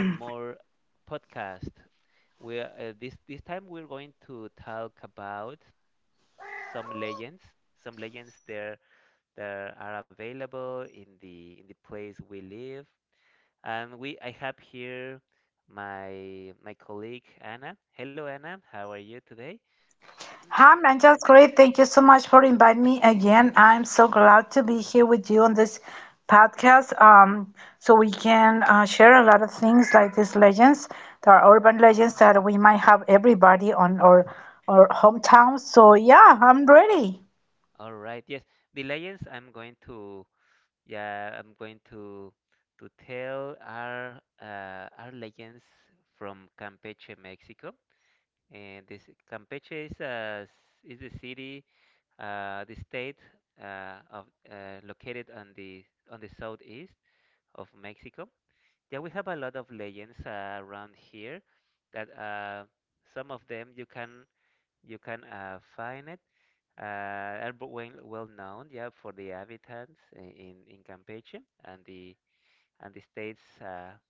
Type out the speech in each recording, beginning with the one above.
one more podcast. We are, this time we're going to talk about some legends, some legends there that are available in the place we live. And we I have here my colleague Anna. Hello Anna, how are you today? Hi, man. Just great. Thank you so much for inviting me again. I'm so glad to be here with you on this podcast. So we can share a lot of things like these legends. There are urban legends that we might have everybody on our hometown. So yeah, I'm ready. All right, yes. The legends I'm going to Yeah, I'm going to tell our legends from Campeche, Mexico. And this Campeche is the city, the state, of located on the southeast of Mexico. Yeah, we have a lot of legends, around here that, some of them you can find it. Uh, are well known, yeah, for the inhabitants in Campeche and the states,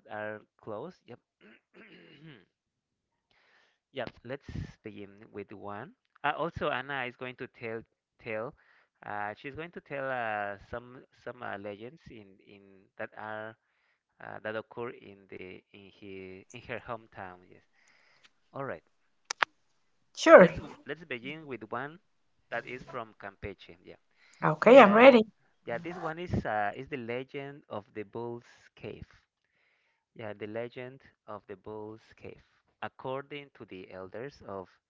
that are close. Yep. Yep. Let's begin with one. Also, Anna is going to tell. She's going to tell, some legends in that are, that occur in the in he in her hometown. Yes. All right. Sure. Let's begin with one that is from Campeche. Yeah. Okay, I'm ready. Uh, yeah. This one is the legend of the Bull's Cave. Yeah, the legend of the Bull's Cave. According to the elders of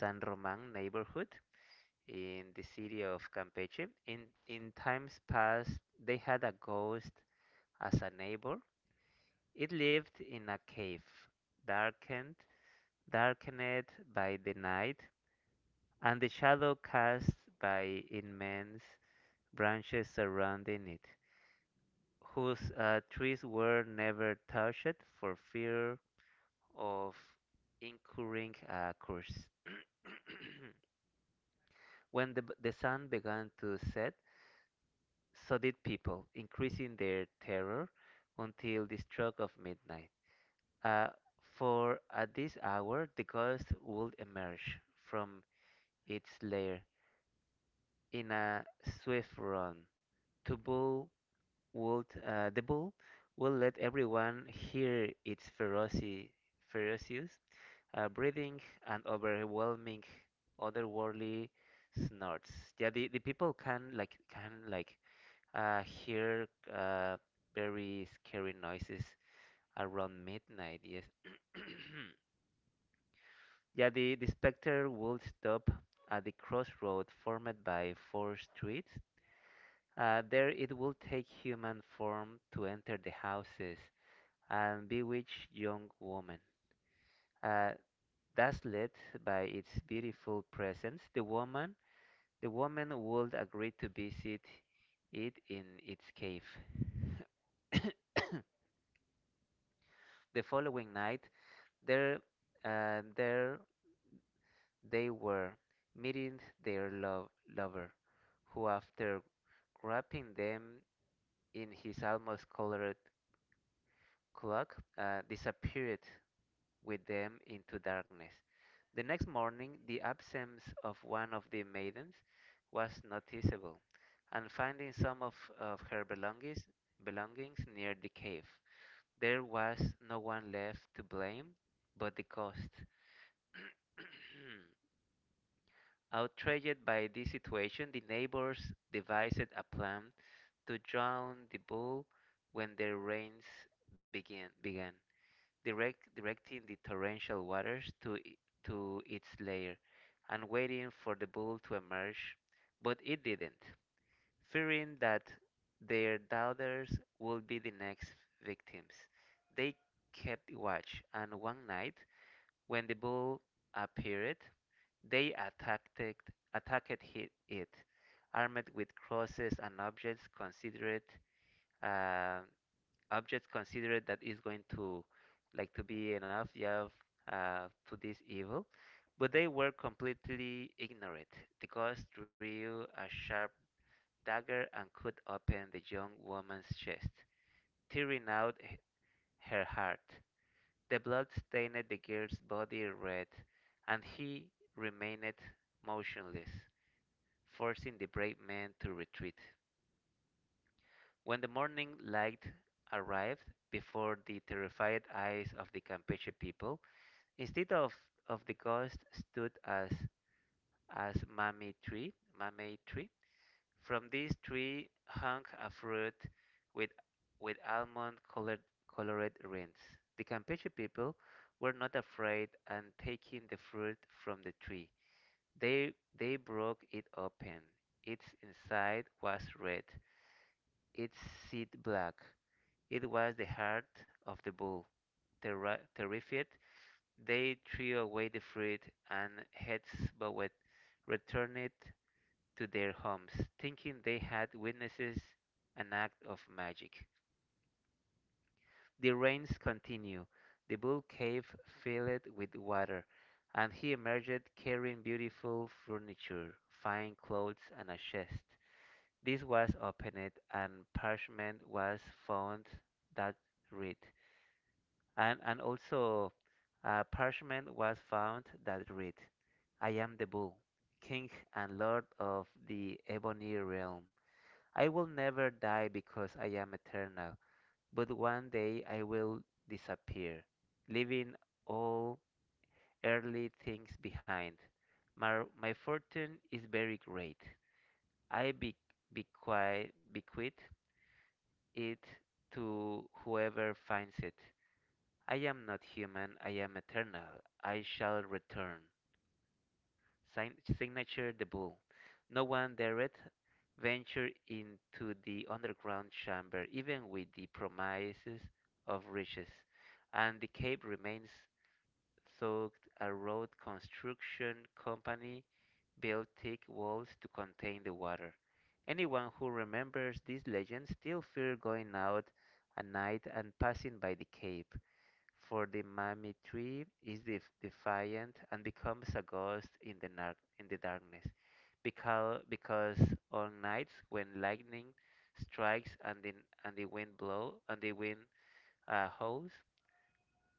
San Roman neighborhood in the city of Campeche, in times past they had a ghost as a neighbor. It lived in a cave, darkened, darkened by the night and the shadow cast by immense branches surrounding it, whose, trees were never touched for fear of incurring a curse. When the sun began to set, so did people, increasing their terror until the stroke of midnight. Uh, for at this hour, the ghost would emerge from its lair in a swift run. To bull the bull will let everyone hear its ferocious, breathing and overwhelming, otherworldly snorts. Yeah, the people can, like, hear, uh, very scary noises around midnight. Yes. Yeah, the specter would stop at the crossroad formed by four streets. There it will take human form to enter the houses and bewitch young woman. Uh, thus led by its beautiful presence, the woman would agree to visit it in its cave. The following night, there, there they were, meeting their lover, who, after wrapping them in his almost colored cloak, disappeared with them into darkness. The next morning, the absence of one of the maidens was noticeable, and finding of her belongings near the cave, there was no one left to blame but the ghost. Outraged by this situation, the neighbors devised a plan to drown the bull when the rains begin. began, directing the torrential waters to its lair and waiting for the bull to emerge, but it didn't. Fearing that their daughters would be the next victims, they kept watch, and one night when the bull appeared, they attacked it, attacked hit- it, armed with crosses and uh, objects considered that is going to, like, to be enough, yeah, to this evil. But they were completely ignorant. The ghost drew a sharp dagger and cut open the young woman's chest, tearing out her heart. The blood stained the girl's body red, and he remained motionless, forcing the brave men to retreat. When the morning light arrived before the terrified eyes of the Campeche people, instead of, of the ghost stood as Mammy Tree. From this tree hung a fruit with with almond-colored colored rings. The Campeche people were not afraid, and taking the fruit from the tree, they broke it open. Its inside was red, its seed black. It was the heart of the bull. Terrified, they threw away the fruit and, heads bowed, returned to their homes, thinking they had witnesses an act of magic. The rains continued. The bull cave filled with water, and he emerged carrying beautiful furniture, fine clothes, and a chest. This was opened, and parchment was found that read, and also parchment was found that read, "I am the bull, king and lord of the ebony realm." I will never die because I am eternal, but one day I will disappear, leaving all earthly things behind. My fortune is very great. I bequeath it to whoever finds it. I am not human, I am eternal. I shall return. Signature, the bull. No one dared venture into the underground chamber, even with the promises of riches, and the cave remains thought a road construction company built thick walls to contain the water. Anyone who remembers this legend still fears going out at night and passing by the cave, for the Mami tree is defiant and becomes a ghost in the darkness. Because on nights when lightning strikes and the wind, howls,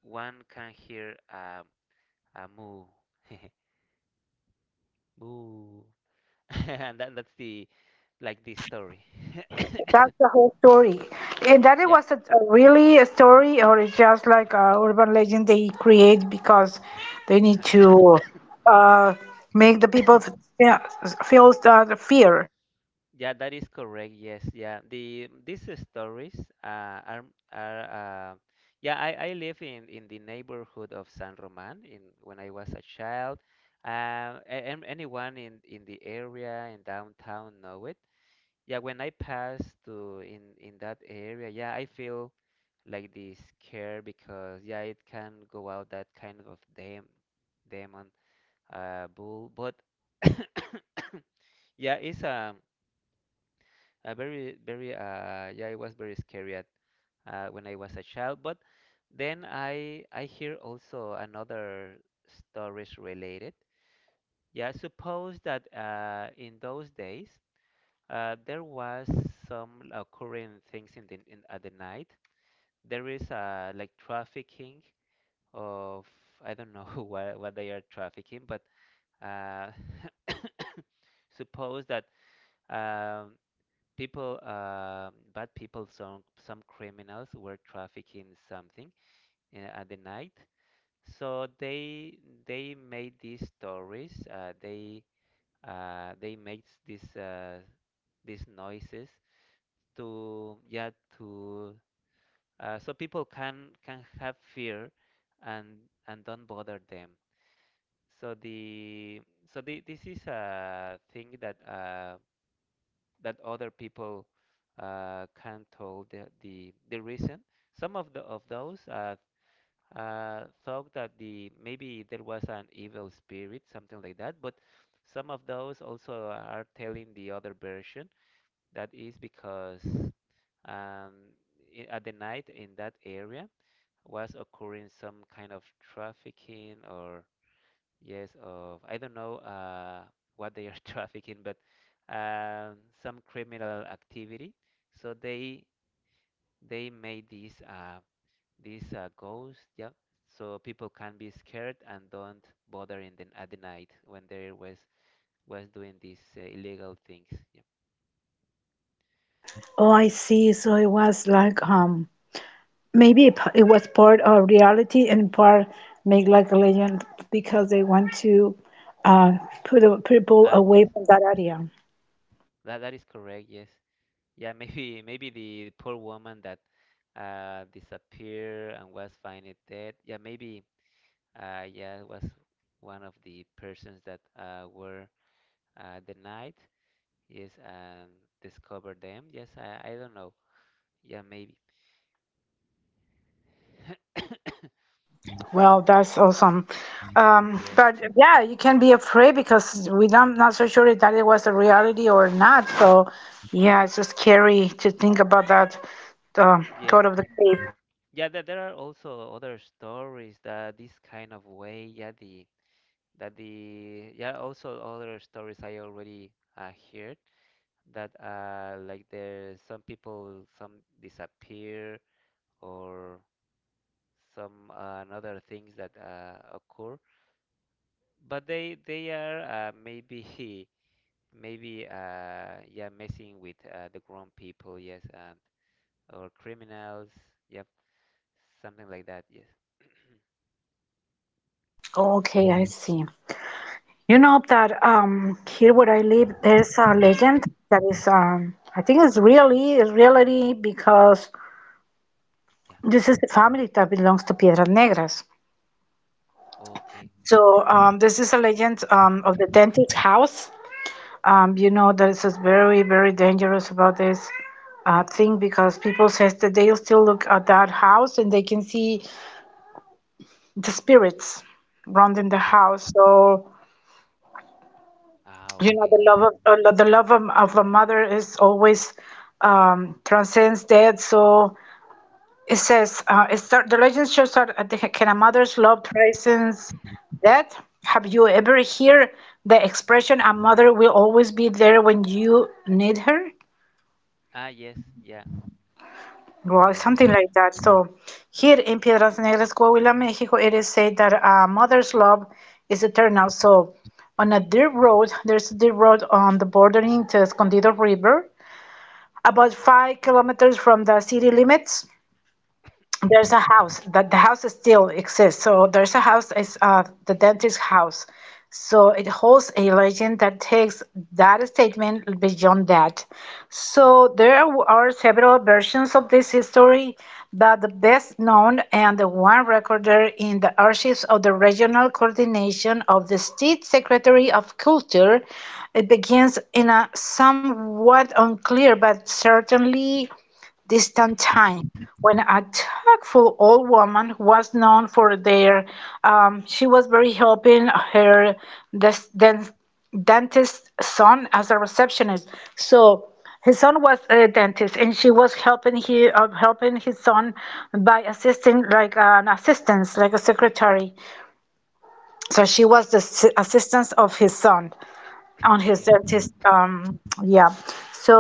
one can hear, a moo, moo, and that, that's the like, the story. That's the whole story. And that it Yeah. was a really a story, or it's just like a urban legend they create because they need to uh, make the people feel that fear. Yeah, that is correct. Yes, yeah. These stories, uh, are are yeah. I live in the neighborhood of San Roman in when I was a child. Um, and anyone in the area in downtown know it. Yeah, when I pass to in that area, yeah, I feel like this scare because, yeah, it can go out that kind of demon, bull. But yeah, yeah, it was very scary when I was a child. But then I hear also another stories related. Yeah, suppose that, in those days, there was some occurring things at the night. There is, like, trafficking of I don't know what they are trafficking, but, uh, suppose that, um, people bad people, some criminals were trafficking something, at the night. So they made these stories, they made these noises to, yeah, to so people can have fear and don't bother them. So the so the, this is a thing that, that other people, can tell the reason. Some of the of those, thought that the maybe there was an evil spirit, something like that. But some of those also are telling the other version, that is because, um, at the night in that area was occurring some kind of trafficking or... Yes, of, I don't know, what they are trafficking, but, um, some criminal activity. So they made these, ghosts, yeah. So people can be scared and don't bother in the at the night when they was doing these, illegal things. Yeah. Oh, I see. So it was like maybe it was part of reality and part make like a legend because they want to uh put people Ah, away yes, from that area. that is correct. Yes, yeah. Maybe the poor woman that, disappeared and was found dead. Yeah, maybe. Yeah, it was one of the persons that, were, denied. Yes, and discovered them. Yes, I don't know. Yeah, maybe. Well, that's awesome. Um, Yes, but yeah, you can be afraid because we don't not so sure that it was a reality or not. So yeah, it's just scary to think about that yes. God of the cave. Yeah, there are also other stories that this kind of way, yeah, the that the yeah, also other stories I already, heard that, like, there some people some disappear or some, another things that, occur, but they are, maybe, maybe, yeah, messing with, the grown people, yes, or criminals, yep, something like that, yes. Okay, I see. You know that here where I live, there's a legend that is I think it's really it's reality because Yeah, this is the family that belongs to Piedras Negras. okay. Yeah, So this is a legend of the dentist house. You know, this is very, very dangerous about this thing because people says that they'll still look at that house and they can see the spirits around in the yeah. house. So, Ah, you know, okay, yeah. The love of a mother is always transcends death. So it says it start, the legend shows that at the, can a mother's love transcends death? Have you ever heard the expression "a mother will always be there when you need her"? Ah, yes, yeah. Well, Yes, something of course. like that. So here in Piedras Negras, Coahuila, Mexico, it is said that a mother's love is eternal. So on a dirt road, there's a dirt road on the bordering to Escondido River, about 5 kilometers from the city limits. There's a house that the house still exists. So there's a house is the dentist's house. So it holds a legend that takes that statement beyond that. So there are several versions of this story, but the best known and the one recorded in the archives of the regional coordination of the state secretary of culture, it begins in a somewhat unclear but certainly distant time when a tactful old woman was known for their she was very helping her des- den- dentist son as a receptionist. So his son was a dentist and she was helping he helping his son by assisting like an assistance like a secretary. So she was the assistance of his son on his Yeah. dentist yeah. So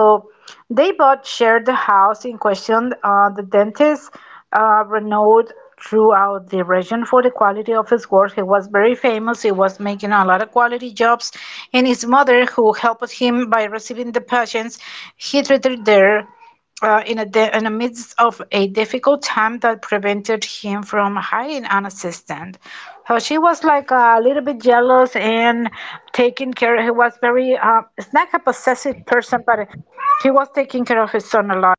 they both shared the house in question, the dentist, renowned throughout the region for the quality of his work. He was very famous. He was making a lot of quality jobs and his mother who helped him by receiving the patients he treated there, in, in the midst of a difficult time that prevented him from hiring an assistant. So she was like a little bit jealous and taking care. He was very, it's not a possessive person, but he was taking care of his son a lot.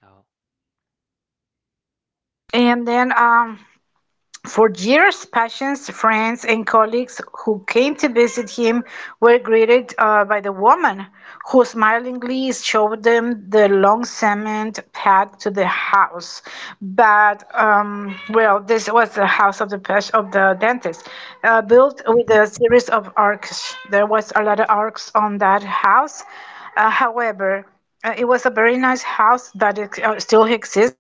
Oh, And then for years, patients, friends, and colleagues who came to visit him were greeted by the woman, who smilingly showed them the long cement path to the house. But well, this was the house of the of the dentist, built with a series of arcs. There was a lot of arcs on that house. However, it was a very nice house that still exists.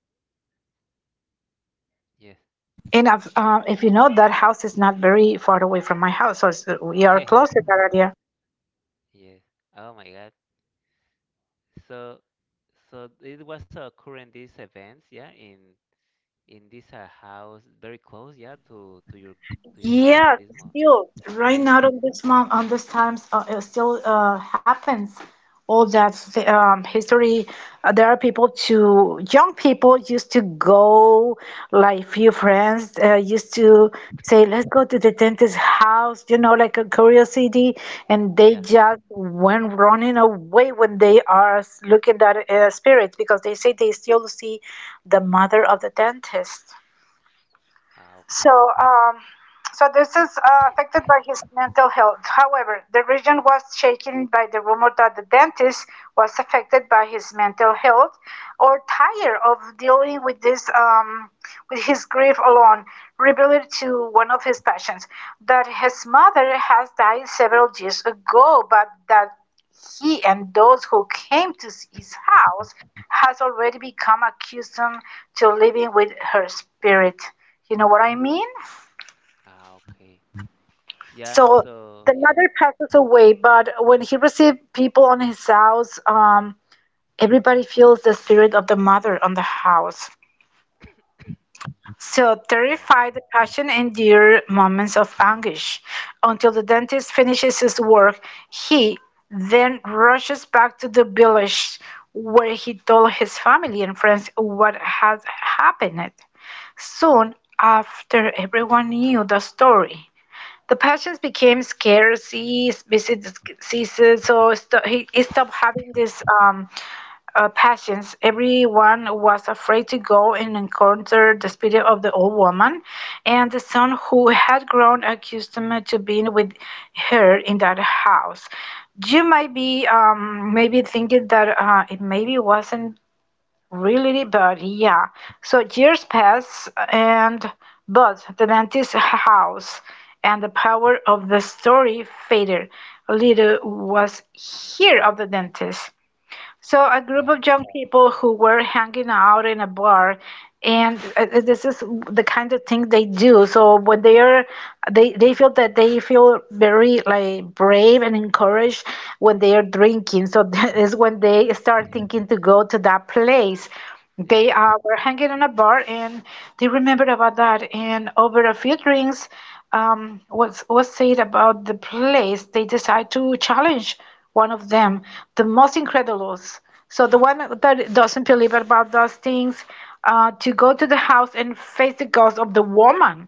yes. And I've, if you know, that house is not very far away from my house, so we are close to that area. Yes. Oh my God. So it was occurring these events, yeah, in this, house very close, yeah, to your house at Yeah, this moment still you're right living. now on this month on this times it still happens. All that history, there are people to young people used to go like few friends used to say, "Let's go to the dentist's house," you know, like a curiosity, and they Yeah. just went running away when they are looking at spirit because they say they still see the mother of the dentist. Ah, So, okay. um, so this is affected by his mental health. However, the region was shaken by the rumor that the dentist was affected by his mental health or tired of dealing with this, with his grief alone, revealed to one of his patients that his mother has died several years ago, but that he and those who came to his house has already become accustomed to living with her spirit. You know what I mean? Ah, okay. Yeah, So so the yeah. mother passes away, but when he received people on his house, everybody feels the spirit of the mother on the house. So Ah, okay. terrified, the patient endure moments of anguish until the dentist finishes his work. He then rushes back to the village where he told his family and friends what had happened. Soon after, everyone knew the story. The patients became scarce, ceased, so he stopped having this passions. Everyone was afraid to go and encounter the spirit of the old woman, and the son who had grown accustomed to being with her in that house. You might be maybe thinking that it maybe wasn't really, but yeah. So years pass, and but the dentist's house and the power of the story faded. Little was here of the dentist. So a group Yeah. of young people who were hanging out in a bar, and this is the kind of thing they do. So when they are, they feel that they feel very like brave and encouraged when they are drinking. So that is when they start thinking to go to that place. Yeah. They were hanging in a bar, and they remembered about that. And over a few drinks, what's said about the place, they decide to challenge one of them, the most incredulous. So the one that doesn't believe about those things, to go to the house and face the ghost of the woman.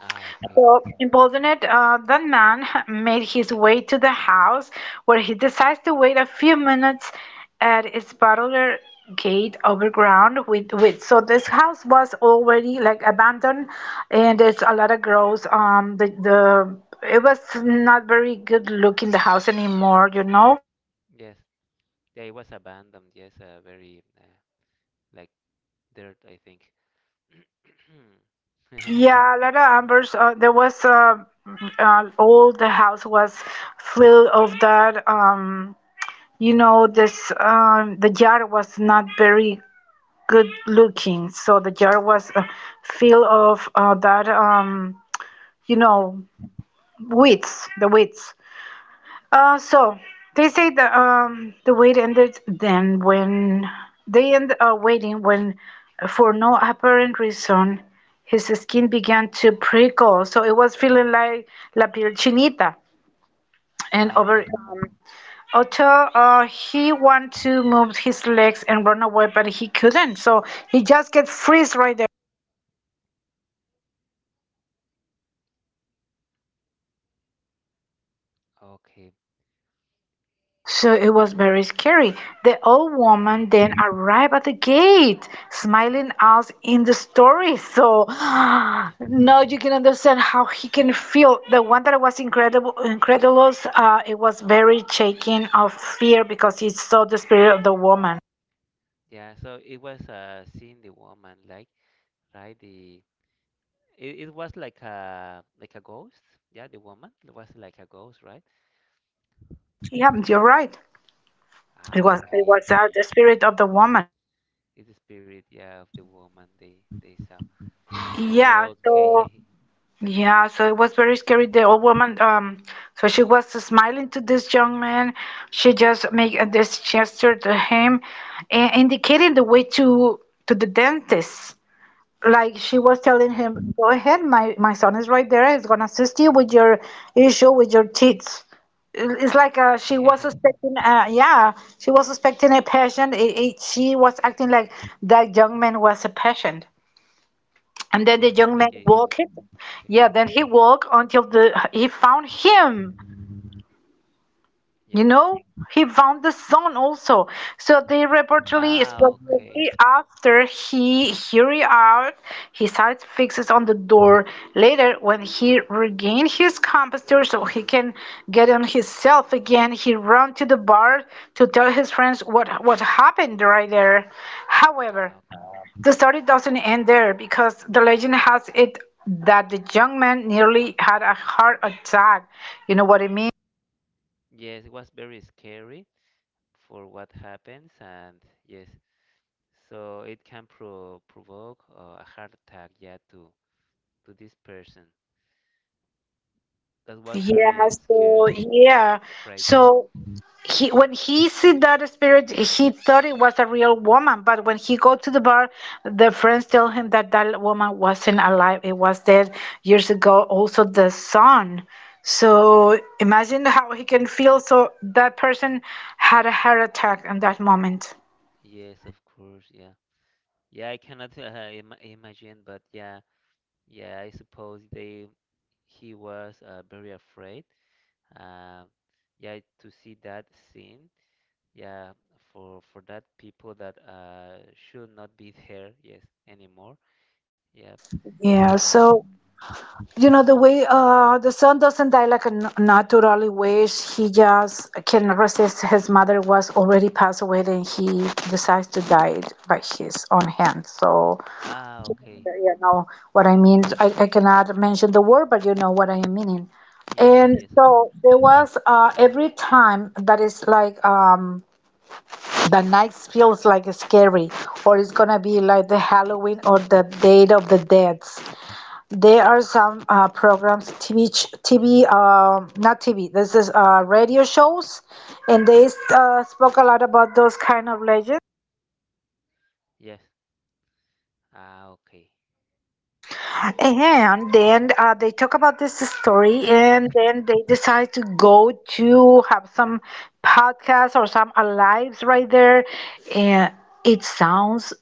Ah, okay. So emboldened, that man made his way to the house, where he decides to wait a few minutes at its parlor gate overground with so this house was already like abandoned and there's a lot of growth the it was not very good looking the house anymore, you know. Yes. Yeah, it was abandoned. Yes, very, like, dirt, I think. Yeah, a lot of embers. There was all the house was full of that. You know, this the jar was not very good looking, so the jar was full of that. You Yeah. know, weeds, the weeds. So they say the wait ended then when they end waiting when, for no apparent reason, his skin began to prickle. So it was feeling like la piel chinita, and Ah, over. okay. Otto, he wanted to move his legs and run away, but he couldn't. So he just get freeze right. Okay. So it was very scary. The old woman then arrived at the gate, smiling us in the story. So now you can understand how he can feel. The one that was incredible, incredulous, it was very shaking of fear because he saw the spirit of the woman. Yeah, so it was seeing the woman, like, right, the it was like a ghost. Yeah, the woman was like a ghost, right? Yeah, you're right. It Ah, was it okay, was okay. The spirit of the woman. It's the spirit, yeah, of the woman they saw. Yeah. So Okay. yeah, so it was very scary. The old woman, so she was smiling to this young man. She just made this gesture to him, and indicating the way to the dentist. Like she was telling Yeah. him, "Go ahead, my son is right there. He's gonna assist you with your issue with your teeth." It's like she was suspecting. Yeah, she was suspecting a patient. She was acting like that young man was a patient. And then the Yes, young man like, if walked. Yeah, patient. then he walked until the he found him. You Yes. know, he found the son also. So they reportedly, Ah, especially okay. after he hurried out, his eyes fixes on the door. Later, when he regained his composure, so he can get on himself again, he ran to the bar to tell his friends what happened right there. However. Ah, okay. The story doesn't end there because the legend has it that the young man nearly had a heart attack. You know what I mean? Yes, it was very scary for what happens, and yes. So it can provoke, a heart attack, yeah, to this person. That was Yeah, very so scare. yeah. Fright. So he when he see that spirit, he thought it was a real woman, but when he go to the bar, the friends tell him that that woman wasn't alive. It was dead years ago. Also the son. So imagine how he can feel. So that person had a heart attack in that moment. Yes, of course, yeah. Yeah, I cannot Im imagine, but yeah, yeah, I suppose they he was, very afraid. Um, yeah, to see that scene, yeah, for that people that, should not be there, yes, anymore. Yeah. Yeah, Uh, so the way the son doesn't die like a naturally wish, he just can resist. His mother was already passed away and he decides to die by his own hand. So, ah, okay. you know what I mean? I cannot mention the word, but you know what I am meaning. Yes, And yes, of course. so there was every time that is like the night feels like scary, or it's gonna be like the Halloween or the date of the dead. There are some programs, TV, not TV. This is radio shows, and they spoke a lot about those kind of legends. Yes. Okay. And then they talk about this story, and then they decide to go to have some podcasts or some lives right there, and it sounds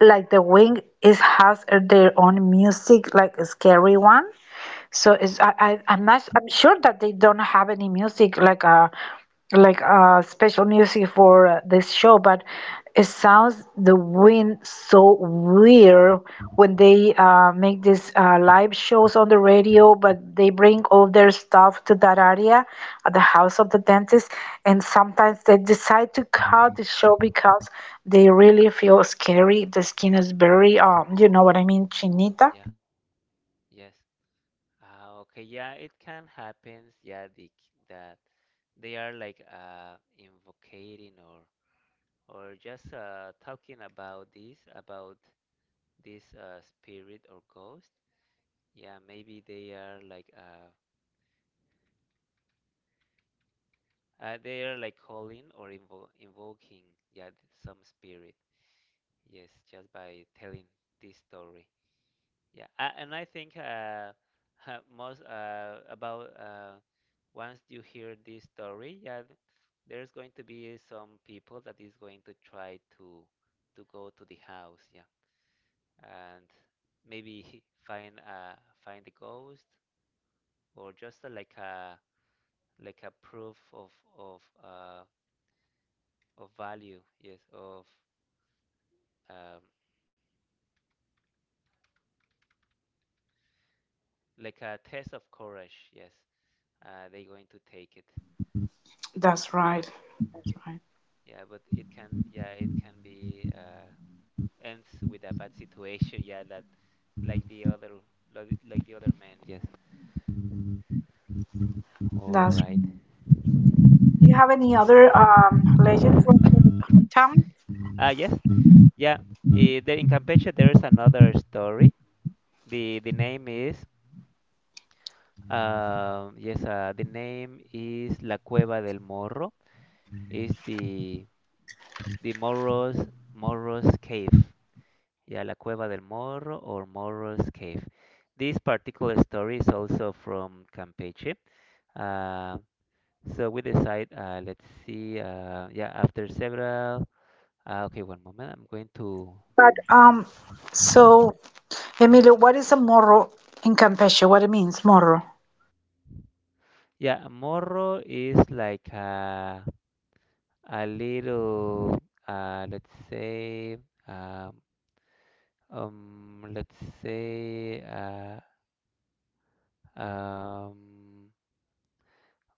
like the wing is has their own music, like a scary one. So is I Yeah, I'm not I'm sure that they don't have any music like a special music for this show, but it sounds the wind so weird when they make these live shows on the radio, but they bring all their stuff to that area at the house of the dentist, and sometimes they decide to cut the show because they really feel scary. The skin is very you know what I mean, chinita. yeah, yes. Ah, okay. Yeah, it can happen. Yeah, that they are like invocating or just talking about this spirit or ghost. Yeah, maybe they are like calling or invoking, yeah, some spirit. Yes, just by telling this story. Yeah, and I think most about once you hear this story, yeah, there's going to be some people that is going to try to go to the house, yeah, and maybe find find the ghost or just like a proof of of of value, yes, of um, like a test of courage, yes. They're going to take it, That's right. but That's right. yeah, but it can, yeah, it can be ends with a bad situation, yeah, that like the other, like the other man, yes. All That's right. right. Do you have any other legend from your hometown? Ah, yes, yeah. Eh, there in Campeche, there is another story. The name is yes, the name is La Cueva del Morro. Is the The Morro's Morro's Cave. Yeah, La Cueva del Morro or Morro's Cave. This particular story is also from Campeche. Uh, so we decide, let's see, yeah, after several, okay, one moment, I'm going to... But um, Mhm. so Emilio, what is a morro in Campeche? What it means, morro? Yeah, Morro is like a little, uh, let's say, um, let's say, um,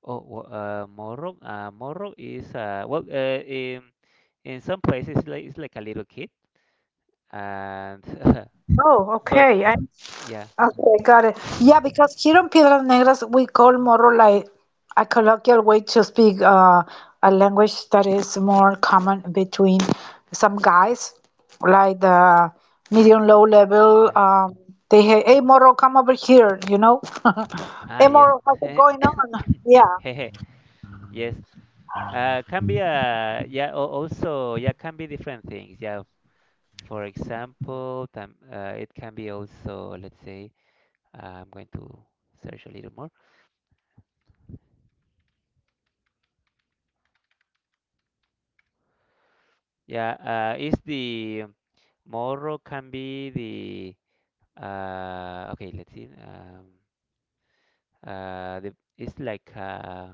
oh, Moro, Moro is well, in some places it's like a little kid, and Oh, but okay. I. yeah, Okay, got it. Yeah, because here in Piedras Negras, we call more like a colloquial way to speak a language that is more common between some guys, like the medium low level. yeah. They hey Moro, come over here, you know? Ah, Hey yes, Moro, how's it going on? Yeah, hehe, yes. Can be yeah. Also, yeah, can be different things. Yeah. For example, it can be also. Let's say I'm going to search a little more. Yeah. Is the Moro can be the Okay, let's see. It's like uh,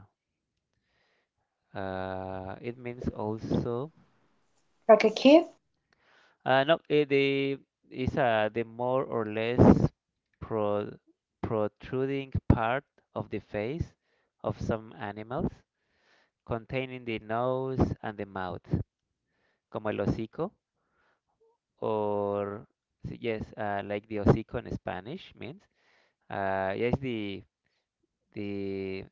uh, it means also. like a kid. No, the more or less pro, protruding part of the face of some animals, containing the nose and the mouth, como el hocico, or yes, like the hocico in Spanish means. Yes, the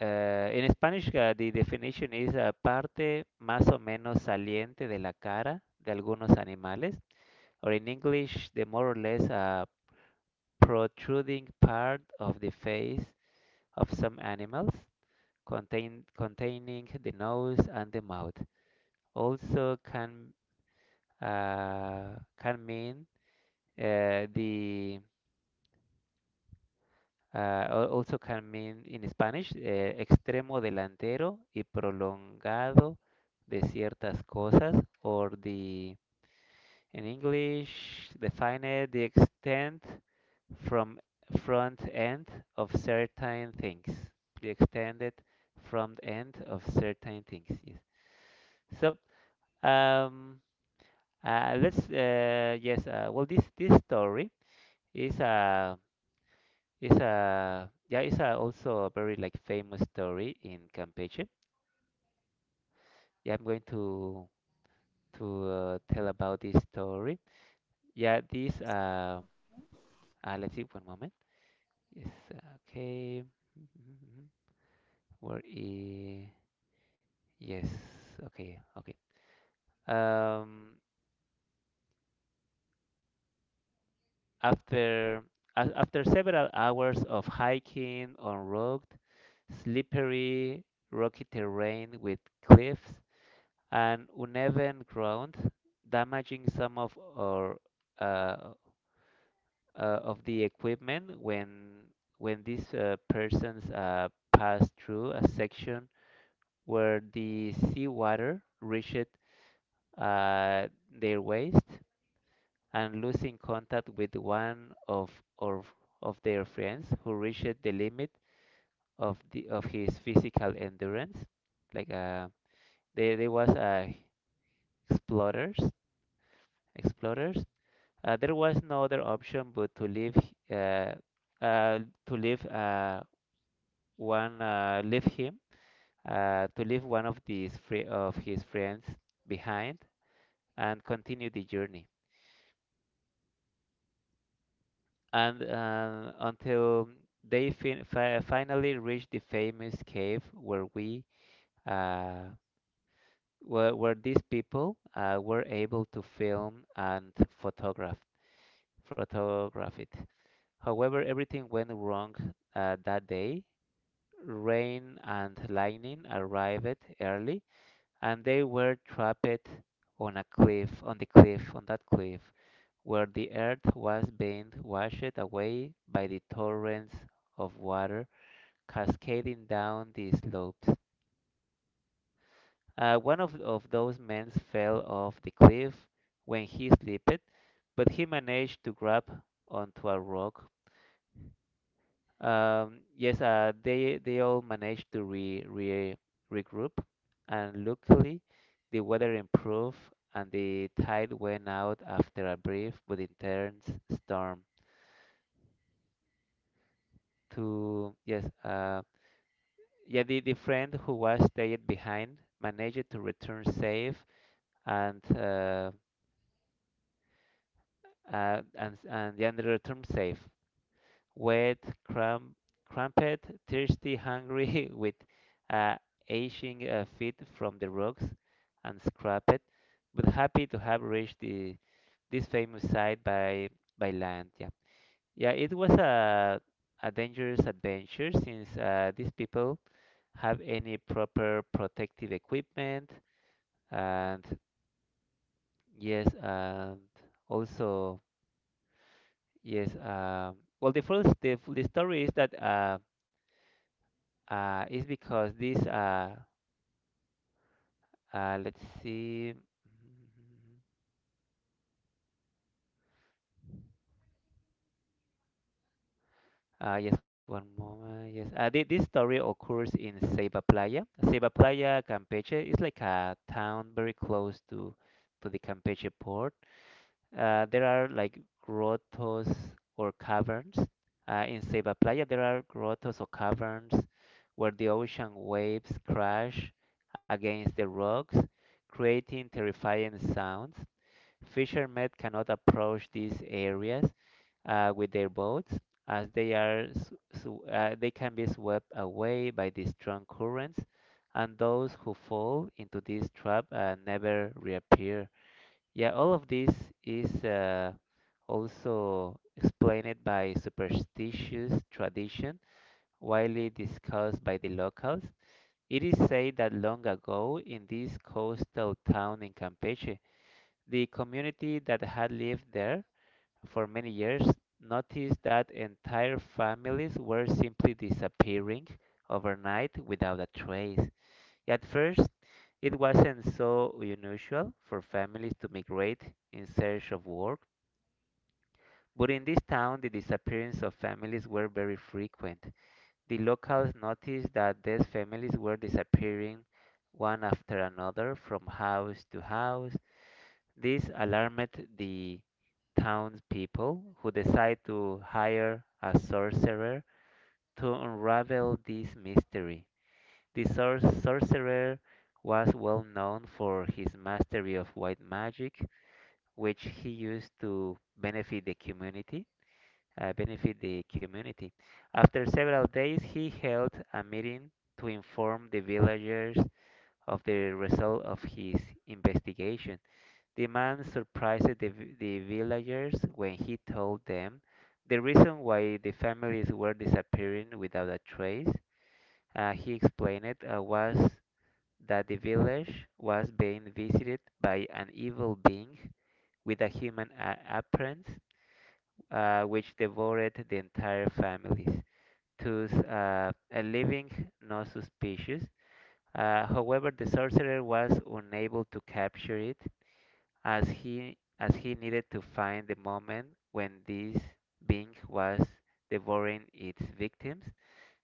In Spanish, the definition is a parte más o menos saliente de la cara de algunos animales, or in English, the more or less protruding part of the face of some animals, containing the nose and the mouth. Also, can mean uh, the also can mean in Spanish, eh, extremo delantero y prolongado de ciertas cosas, or the, in English, define the extent from front end of certain things. The extended front end of certain things. Yes. So, um, let's, yes, well, this story is a It's a yeah, it's a also a very like famous story in Campeche. Yeah, I'm going to tell about this story. Yeah, this let's see, one moment. Yes, okay. Where is yes, okay, okay. Um, After after several hours of hiking on rugged, slippery, rocky terrain with cliffs and uneven ground, damaging some of our uh, uh, of the equipment when these persons passed through a section where the seawater reached uh, their waist and losing contact with one of or of their friends who reached the limit of the of his physical endurance, like there was explorers explorers there was no other option but uh, uh, to leave one leave him to leave one of these free of his friends behind and continue the journey and until they finally reached the famous cave where we uh, where these people were able to film and photograph photograph it. However, everything went wrong that day. Rain and lightning arrived early, and they were trapped on a cliff, on the cliff, on that cliff, where the earth was being washed away by the torrents of water cascading down the slopes. One of those men fell off the cliff when he slipped, but he managed to grab onto a rock. Yes, they all managed to re re regroup, and luckily, the weather improved and the tide went out after a brief but intense storm. To Yes, yeah, the friend who was stayed behind managed to return safe and and, yeah, and return safe. Wet, cramp, cramped, thirsty, hungry, with uh, aching feet from the rocks and scraped, but happy to have reached this famous site by land. Yeah, yeah, it was a dangerous adventure since these people have any proper protective equipment, and yes, and also yes. Well the first the story is that it's because this, let's see. Mm-hmm. Yes, one moment. Yes, this story occurs in Ceiba Playa. Ceiba Playa, Campeche, is like a town very close to the Campeche port. There are like grottos or caverns. In Ceiba Playa, there are grottos or caverns where the ocean waves crash against the rocks, creating terrifying sounds. Fishermen cannot approach these areas with their boats as they are they can be swept away by the strong currents, and those who fall into this trap never reappear. Yeah, all of this is also explained by superstitious tradition, widely discussed by the locals. It is said that long ago in this coastal town in Campeche, the community that had lived there for many years noticed that entire families were simply disappearing overnight without a trace. At first, it wasn't so unusual for families to migrate in search of work, but in this town, the disappearance of families were very frequent. The locals noticed that these families were disappearing one after another from house to house. This alarmed the townspeople, who decided to hire a sorcerer to unravel this mystery. The sorcerer was well known for his mastery of white magic, which he used to benefit the community. Benefit the community. After several days, he held a meeting to inform the villagers of the result of his investigation. The man surprised the villagers when he told them the reason why the families were disappearing without a trace. He explained it was that the village was being visited by an evil being with a human appearance, which devoured the entire families, thus a living no suspicious. However, the sorcerer was unable to capture it as he needed to find the moment when this being was devouring its victims,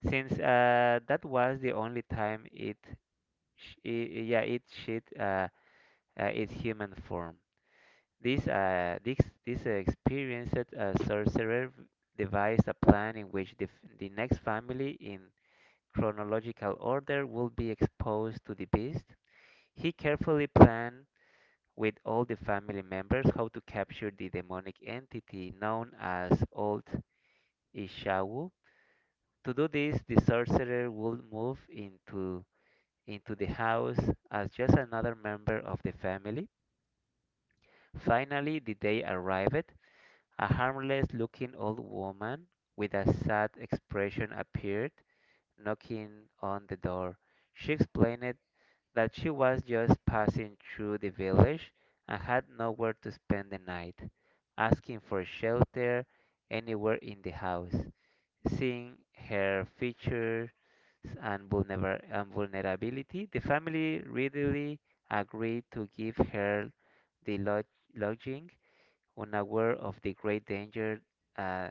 since that was the only time it, sh- I yeah, it shed its human form. This uh, this this experienced sorcerer devised a plan in which the next family in chronological order will be exposed to the beast. He carefully planned with all the family members how to capture the demonic entity known as Old Ishawu. To do this, the sorcerer will move into the house as just another member of the family. Finally, the day arrived. A harmless looking old woman with a sad expression appeared, knocking on the door. She explained that she was just passing through the village and had nowhere to spend the night, asking for shelter anywhere in the house. Seeing her features and, and vulnerability, the family readily agreed to give her the lodging, unaware of the great danger uh,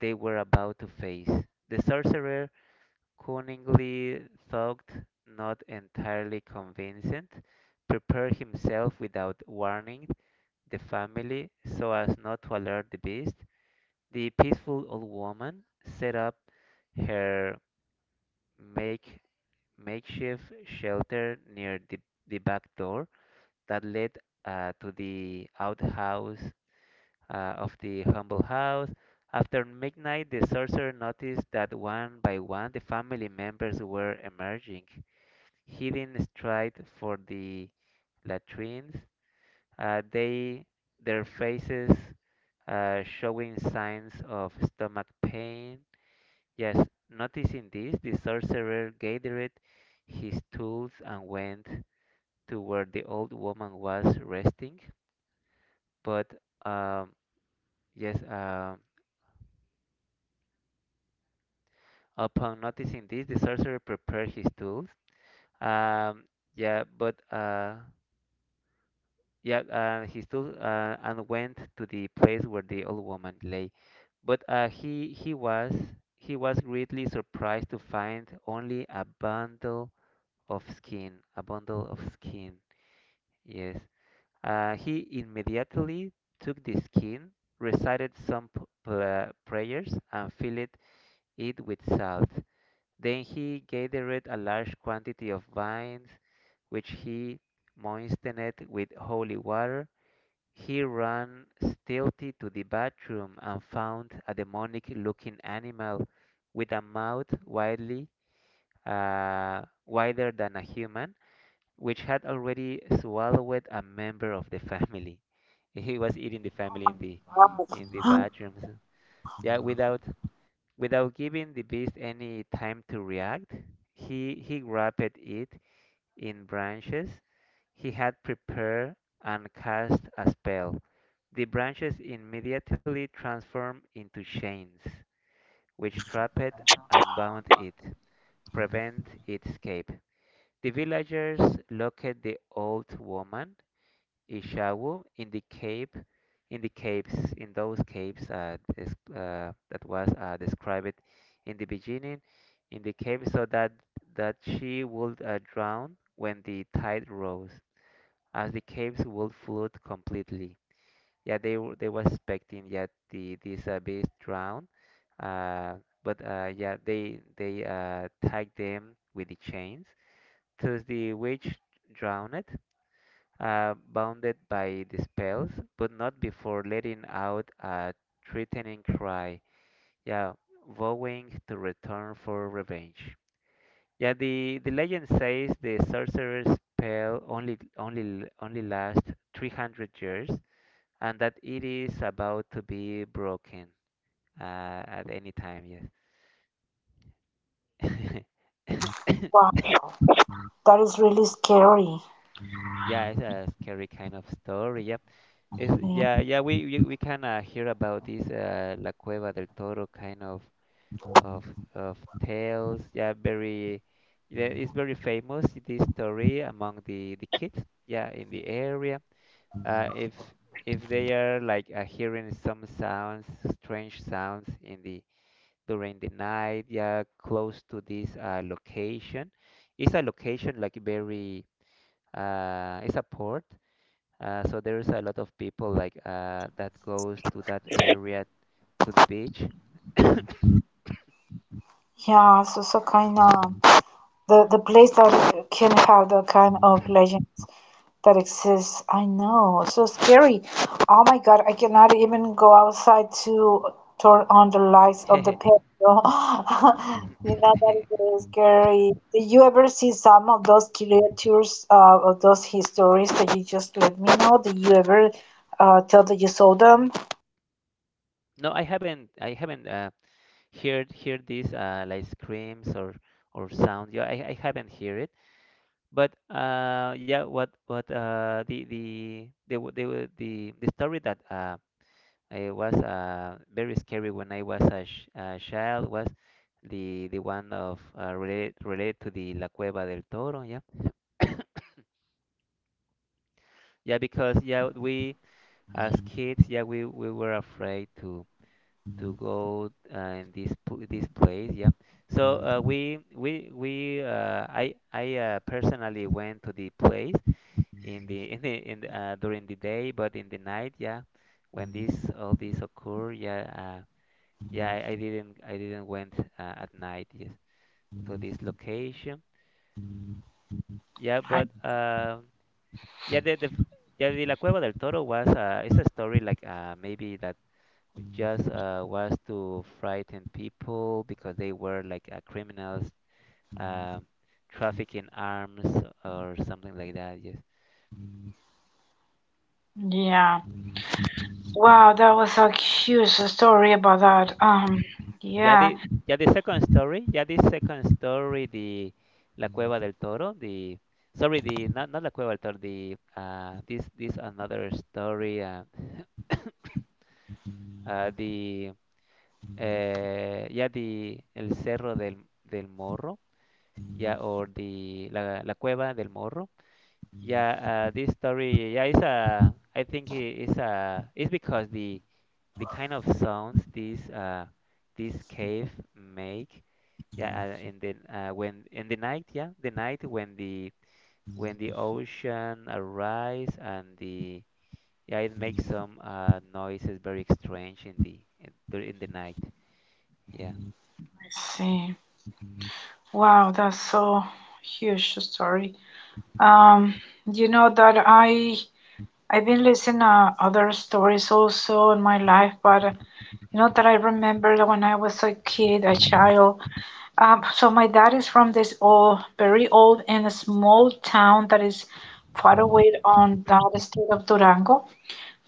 they were about to face. The sorcerer cunningly, thought, not entirely convincing, prepared himself without warning the family so as not to alert the beast. The peaceful old woman set up her make, makeshift shelter near the back door that led to the outhouse of the humble house. After midnight, the sorcerer noticed that one by one the family members were emerging. He didn't stride for the latrines. They their faces showing signs of stomach pain. Yes, noticing this, the sorcerer gathered his tools and went to where the old woman was resting. But um, yes, um, upon noticing this, the sorcerer prepared his tools. Um, yeah, but uh, Yeah, he stood and went to the place where the old woman lay, but he was greatly surprised to find only a bundle of skin, a bundle of skin. Yes, he immediately took the skin, recited some prayers, and filled it with salt. Then he gathered a large quantity of vines, which he moistened with holy water. He ran stealthily to the bathroom and found a demonic-looking animal with a mouth widely wider than a human, which had already swallowed a member of the family. He was eating the family in the bathrooms. Yeah, without without giving the beast any time to react, he grabbed it in branches, he had prepared and cast a spell. The branches immediately transformed into chains, which trapped and bound it, prevent its escape. The villagers locked the old woman, Ishawu, in the cave, in the caves, in those caves that was described in the beginning, in the cave so that that she would drown when the tide rose as the caves would flood completely. Yeah, they were expecting, yeah, the this base drown, uh, but yeah, they tied them with the chains. Thus the witch drowned, bounded by the spells, but not before letting out a threatening cry. Yeah, vowing to return for revenge. Yeah, the legend says the sorcerer's spell only lasts 300 years, and that it is about to be broken at any time. Yes. Wow, that is really scary. Yeah, it's a scary kind of story. Yep. It's, yeah, yeah. We can hear about this La Cueva del Toro kind of of tales. Yeah, very. Yeah, it's very famous, this story among the kids. Yeah, in the area. If if they are like hearing some sounds, strange sounds in the during the night, yeah, close to this location. It's a location like very, it's a port, so there's a lot of people like that goes to that area, to the beach. Yeah, so so kind of. The place that can have the kind of legends that exists. I know, so scary. Oh my God, I cannot even go outside to turn on the lights of the patio. You know, that is very scary. Did you ever see some of those creatures, of those histories that you just let me know? Did you ever tell that you saw them? No, I haven't. I haven't heard heard this like screams or sound. Yeah, I haven't heard it. But yeah, what what the the story that it was very scary when I was a, sh a child. Was the one of related related to the La Cueva del Toro? Yeah, yeah, because yeah, we as kids, yeah, we were afraid to go in this pl this place. Yeah, so we I personally went to the place in the in the during the day, but in the night, yeah, when this all this occurred, yeah. Yeah, I didn't went at night, yes, to this location. Yeah, but I, yeah, yeah, the La Cueva del Toro was it's a story like maybe that just was to frighten people because they were like criminals, um, trafficking arms or something like that. Yes. yeah. Wow, that was a huge story about that. Ya Yeah. the ya the second story, ya the second story, the La Cueva del Toro, the sorry, the not not La Cueva del Toro, the this this another story, the eh, ya the El Cerro del del Morro, ya, or the la Cueva del Morro. Yeah, this story, yeah, it's it's because the kind of sounds this this cave make, yeah, in the when in the night, yeah, the night when the ocean arise, and the yeah, it makes some noises very strange in the in the night. Yeah, Let's see. Wow, that's so huge story. Um, you know that I've been listening to other stories also in my life, but you know that I remember that when I was a kid, a child. So my dad is from this old, very old, and a small town that is far away on the state of Durango.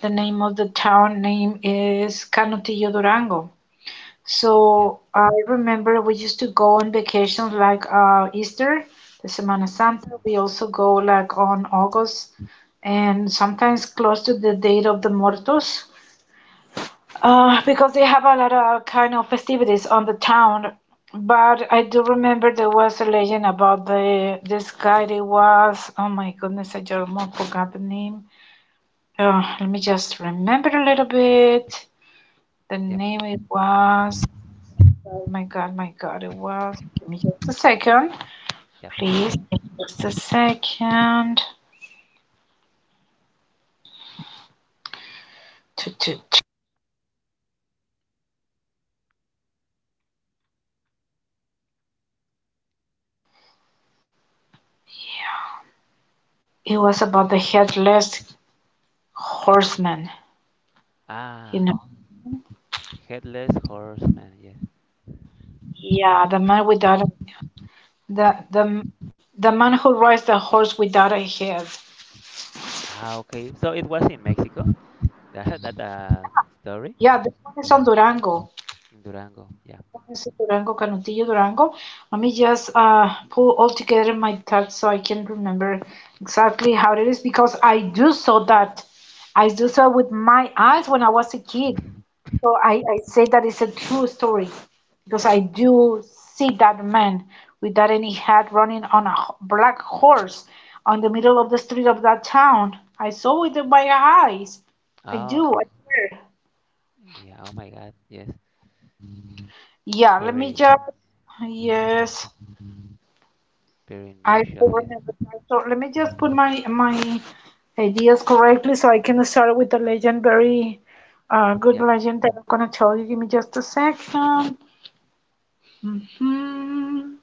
The name of the town name is Canutillo Durango. yeah, So I remember we used to go on vacations like Easter, the Semana Santa. We also go like on August and sometimes close to the date of the Muertos because they have a lot of kind of festivities on the town. But I do remember there was a legend about the this guy. It was, oh my goodness, I just forgot the name. Let me just remember a little bit. The yep, name it was. Oh my god, it was. Give me just a second, yep. please. Give me just a second. It was about the headless horseman. You Ah, know, headless horseman. Yeah. yeah, the the the man who rides the horse without a head. Ah, okay. So it was in Mexico. That that story Yeah, this one is on Durango. in Durango. Yeah. This is Durango Canutillo Durango. Let me just pull all together my thoughts so I can remember exactly how it is because I do saw that. I do saw with my eyes when I was a kid. So I say that it's a true story because I do see that man with that any hat running on a black horse on the middle of the street of that town. I saw it with my eyes. I do, Oh, I swear. yeah. Oh my God. Yes. Yeah, let me Very just. Yes. very I unusual. Yes. forwarded the time. So let me just put my my ideas correctly so I can start with the legend. Very good Yeah. legend that I'm gonna tell you. Give me just a second. Hmm.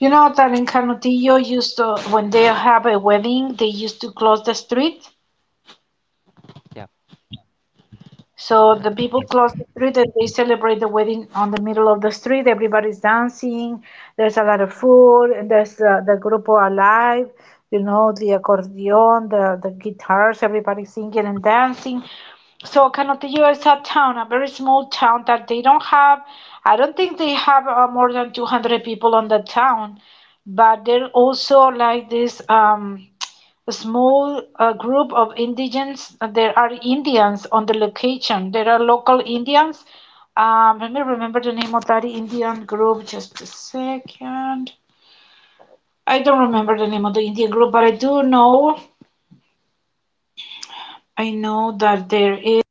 You know that in Canutillo used to when they have a wedding, they used to close the street. Yeah. So the people close the street and they celebrate the wedding on the middle of the street. Everybody's dancing. There's a lot of food. And there's the grupo alive. You know the accordion, the guitars. Everybody singing and dancing. So Canotillo is a town, a very small town that they don't have. I don't think they have more than 200 people on the town, but they're also like this. A small group of indigens. There are Indians on the location. There are local Indians. Let me remember the name of that Indian group. Just a second. I don't remember the name of the Indian group, but I do know. I know that there is.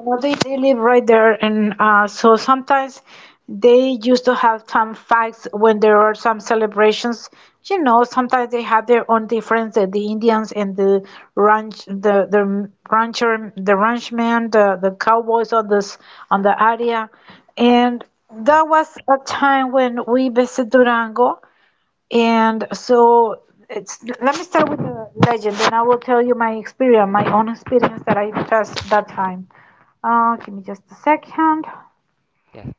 No, they live right there, and so sometimes they used to have some fights when there are some celebrations. You know, sometimes they have their own difference. The Indians and the the rancher, the ranchman, the cowboys on this on the area, and Yeah. that was a time when we visited Durango, and so it's let me start with the legend, and I will tell you my experience, my own experience that I felt that time. Give me just a second. Yes.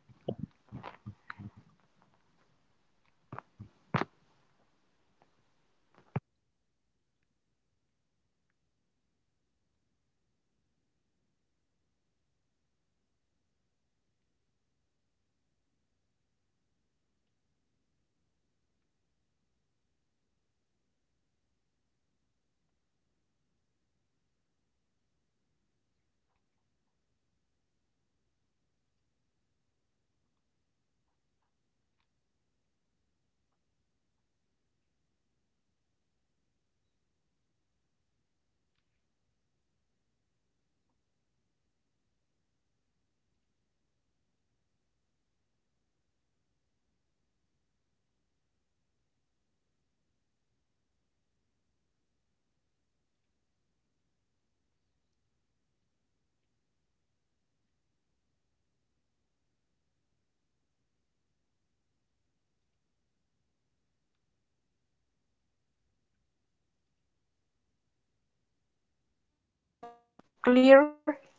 Clear?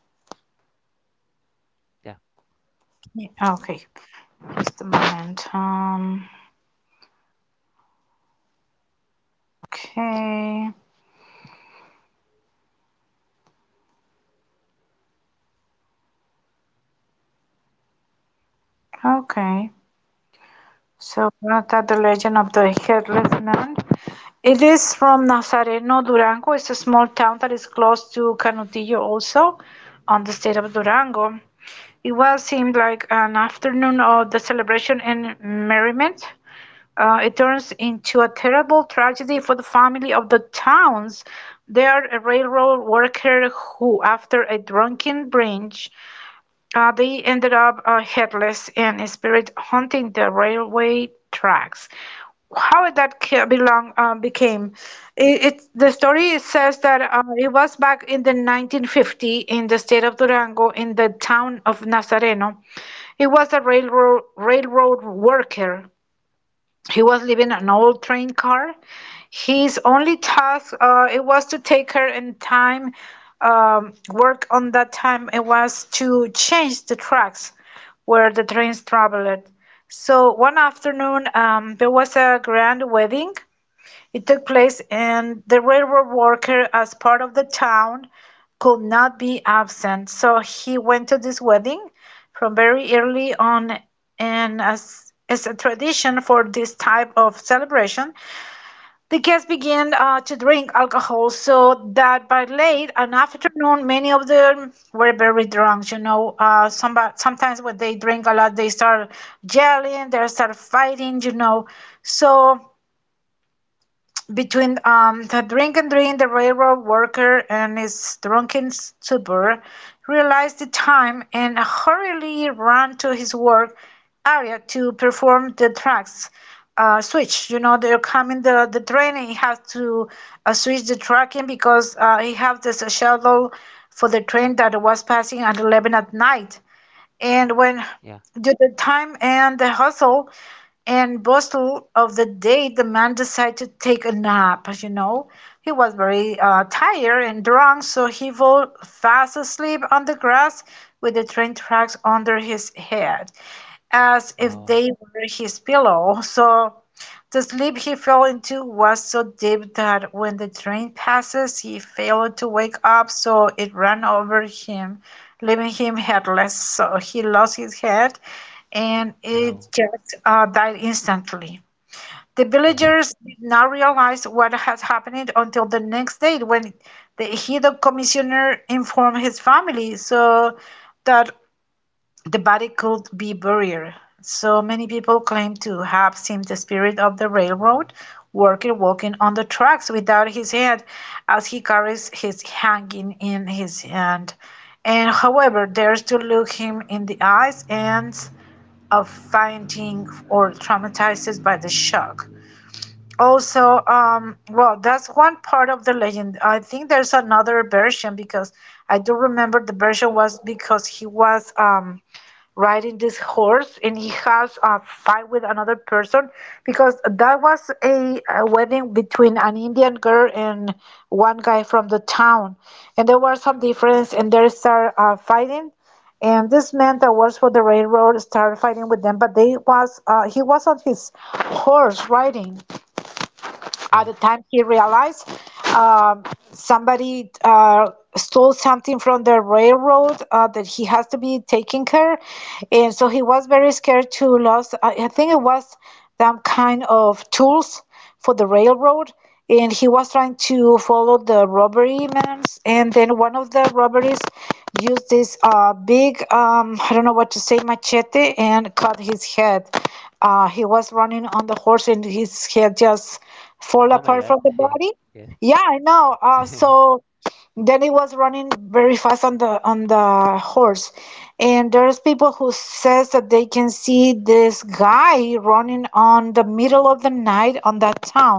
Yeah. Yeah, okay, just a moment. Okay, okay. So not that the legend of the headless man. It is from Nazareno, Durango. It's a small town that is close to Canutillo, also on the state of Durango. It was seemed like an afternoon of the celebration and merriment. It turns into a terrible tragedy for the family of the Towns. They are a railroad worker who, after a drunken binge, they ended up headless and spirit hunting the railway tracks. How that belong became? It, the story says that it was back in the 1950 in the state of Durango in the town of Nazareno. He was a railroad worker. He was living an old train car, his only task it was to take her in time, work on that time. It was to change the tracks where the trains traveled. So one afternoon, there was a grand wedding. It took place, and the railroad worker, as part of the town, could not be absent. So he went to this wedding from very early on, and as is a tradition for this type of celebration, the guests began to drink alcohol, so that by late an afternoon, many of them were very drunk. You know, sometimes when they drink a lot, they start yelling, they start fighting. You know, so between the drink and dream, the railroad worker and his drunken stupor realized the time and hurriedly ran to his work area to perform the tracks switch. You know, they're coming the train and he has to switch the tracking because he have this shuttle for the train that was passing at 11 at night and when Yeah. due to time and the hustle and bustle of the day, the man decided to take a nap. As you know, he was very tired and drunk, so he fell fast asleep on the grass with the train tracks under his head as if Oh. they were his pillow. So the sleep he fell into was so deep that when the train passes, he failed to wake up, so it ran over him, leaving him headless. So he lost his head and it Oh. just died instantly. The Yes. villagers did not realize what had happened until the next day when the Hido commissioner informed his family. So that the body could be buried, so many people claim to have seen the spirit of the railroad worker walking on the tracks without his head as he carries his hanging in his hand. And however dares to look him in the eyes ends up fainting or traumatized by the shock. Also, well, that's one part of the legend. I think there's another version because I do remember the version was because he was riding this horse and he has a fight with another person because that was a wedding between an Indian girl and one guy from the town, and there were some difference and they start fighting, and this man that works for the railroad started fighting with them but they was he was on his horse riding at Yeah. the time. He realized um, somebody stole something from the railroad that he has to be taking care, and so he was very scared to lose. I think it was some kind of tools for the railroad, and he was trying to follow the robbery man, and then one of the robberies used this big I don't know what to say, machete, and cut his head. He was running on the horse and his head just fall Oh my apart God. from the body. Yes. Yeah, I know, uh so then he was running very fast on the horse, and there's people who says that they can see this guy running on the middle of the night on that town.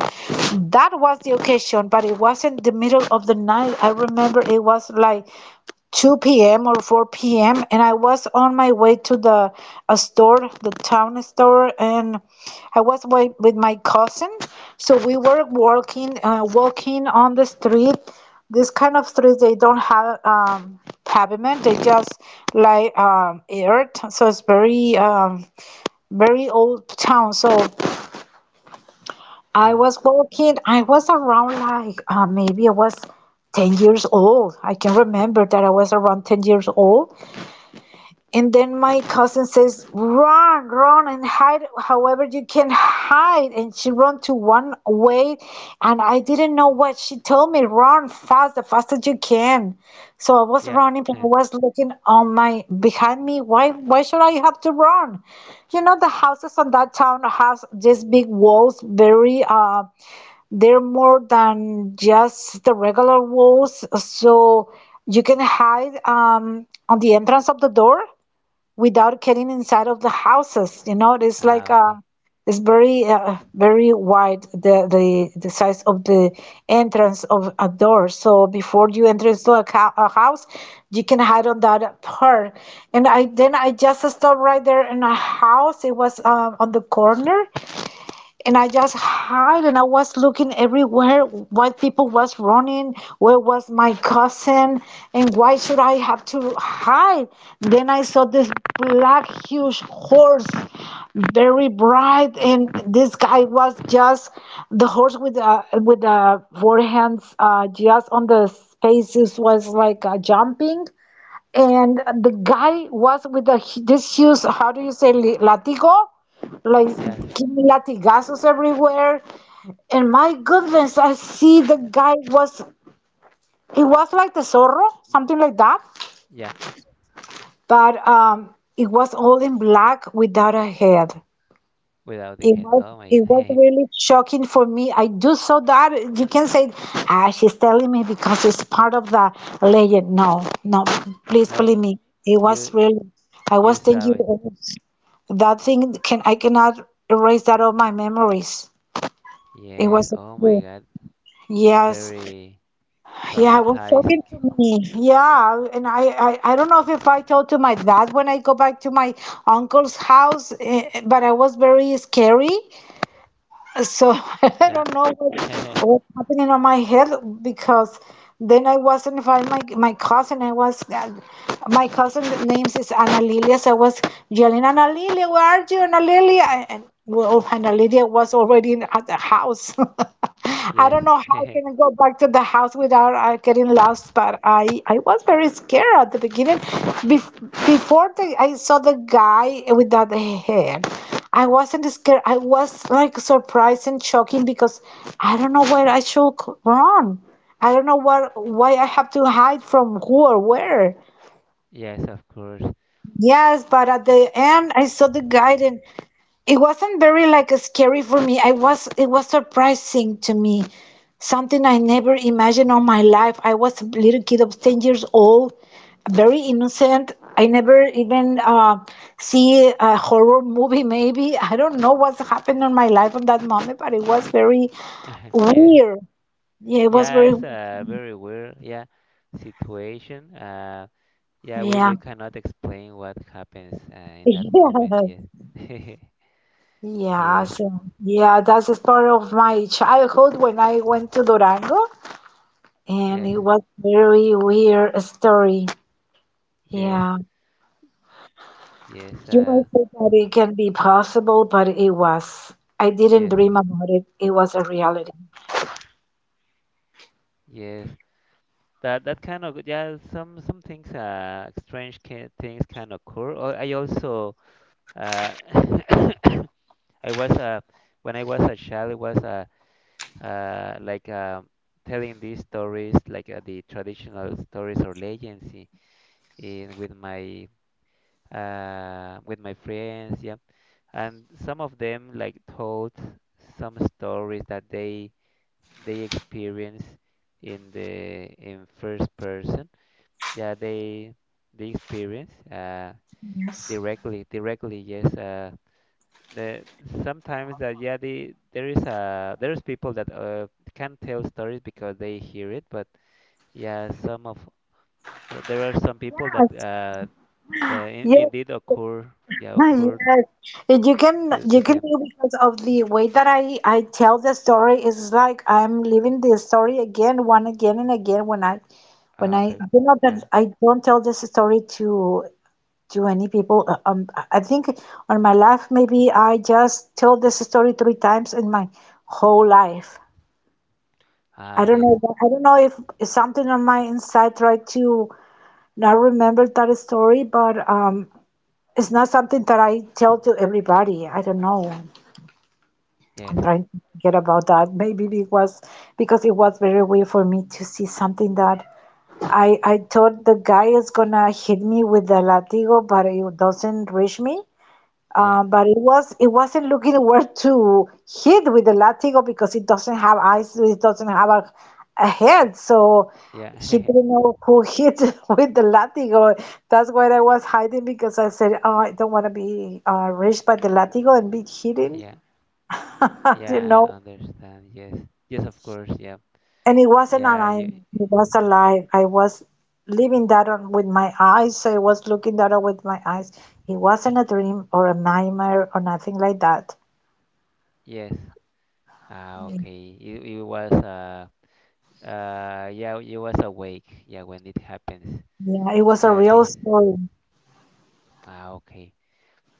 That was the occasion, but it wasn't the middle of the night. I remember it was like 2 p.m. or 4 p.m., and I was on my way to the a store, the town store, and I was with my cousin. So we were walking, walking on the street. This kind of streets they don't have pavement; they just like earth. So it's very old town. So I Yeah. was walking. I was around like maybe I was 10 years old. I can remember that I was around 10 years old. And then my cousin says, "Run, run, and hide however you can hide." And she run to one way, and I didn't know what she told me. Run fast, the fastest you can. So I was Yeah. running, but I was looking on my behind me. Why should I have to run? You know, the houses on that town has these big walls. Very, they're more than just the regular walls. So you can hide on the entrance of the door without getting inside of the houses. You know, it's like Ah. Okay. it's very wide, the size of the entrance of a door. So before you enter into a house, you can hide on that part. And I Then I just stopped right there in a house. It was on the corner, and I just hide, and I was looking everywhere what people was running, where was my cousin, and why should I have to hide? Then I saw this black huge horse, very bright, and this guy was just the horse with the four hands just on the spaces was like jumping, and the guy was with this huge, how do you say, latigo? Like Yes. giving latigazos everywhere. And my goodness, I see the guy was, it was like the zorro, something like that. Yeah. But it was all in black without a head. Without the head. Oh my It was God. really shocking for me. I do saw that. You can say, ah, she's telling me because it's part of the legend. No, no, please No. believe me. It was You really, I you was saw thinking it. that thing. Can I cannot erase that of my memories. It Yes. was a Oh my true. God. Yes. Very Yeah, it was shocking traumatizing. to me. Yeah, and I, I don't know if I told to my dad when I go back to my uncle's house, eh, eh, but I was very scary. So I Yeah. don't know what, what's happening on my head because then I wasn't find my cousin. I was my cousin names is Ana Lilia. So I was yelling, Ana Lilia, where are you, Ana Lilia? Well, Ana Lilia was already in, at the house. I Yes, don't know how I can go back to the house without getting lost, but I was very scared at the beginning. Before the, I saw the guy with that head. I wasn't scared. I was like surprised and shocking because I don't know where I should run. I don't know what, why I have to hide from who or where. yes, of course. Yes, but at the end I saw the guide, and it wasn't very like scary for me. I was, it was surprising to me, something I never imagined on my life. I was a little kid of 10 years old, very innocent. I never even see a horror movie. Maybe I don't know what's happened in my life at that moment, but it was very Yes, weird. Yeah, it was yeah, very, it's a very weird, yeah, situation. Yeah, yeah, we cannot explain what happens in that moment. yeah. Yes, Yeah, yes, so yeah, that's just part of my childhood when I went to Durango. And yes, it was very weird story. yes, Yeah. yes, You might say that it can be possible, but it was. I didn't yes, dream about it. It was a reality. yes. That that kind of, yeah, some things strange can, things can occur. Oh, I also uh I was when I was a child, it was uh, like uh, telling these stories, like the traditional stories or legends, in with my friends, yeah. And some of them like told some stories that they experience in the in first person. Yeah, they experience Yes. directly, directly. Yes, the sometimes that yeah the there is a there's people that can tell stories because they hear it, but yeah, some of there are some people that Yes, in, indeed occur, yeah, yes, occur yes. And you can, to you can them. do because of the way that I tell the story is like I'm living the story again, one again and again when I, when Ah, I, okay. you know that Yeah. I don't tell this story to any people. I think on my life, maybe I just told this story three times in my whole life. Ah, I don't know. yes, I don't know if something on my inside tried to not remember that story, but it's not something that I tell to everybody. I don't know. yes. I'm trying to forget about that. Maybe it was because it was very weird for me to see something that I thought the guy is gonna hit me with the latigo, but it doesn't reach me. Yeah, But it was, it wasn't looking where to hit with the latigo because it doesn't have eyes, it doesn't have a head, so he yeah. didn't know who hit with the latigo. That's where I was hiding because I said, "Oh, I don't want to be reached by the latigo and be hidden." yeah, You yeah, know, understand, yes, yes, of course, yeah. and it wasn't an yeah eye; you, it was alive. I was living that on with my eyes, so I was looking that up with my eyes. It wasn't a dream or a nightmare or nothing like that. yes. Ah, okay, it was yeah, it was awake, yeah, when it happens. Yeah, it was a Yeah, real this. story. Ah, okay.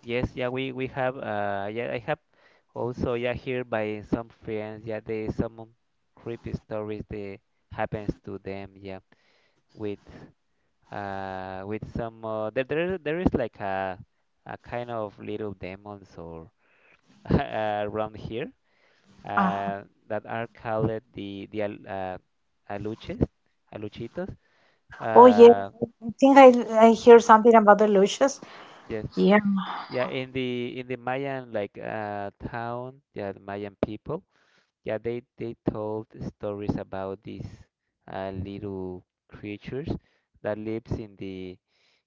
Yes, yeah, we have yeah, I have also yeah here by some friends, yeah, they some creepy stories that happens to them, yeah, with with some there there there is like a kind of little demons or around here Uh-huh. That are called the aluches, aluchitos. Oh, yeah, Uh I think I hear something about the Lucius. yes, Yeah. Yeah, in the Mayan like town, yeah, the Mayan people, yeah, they told stories about these little creatures that lives in the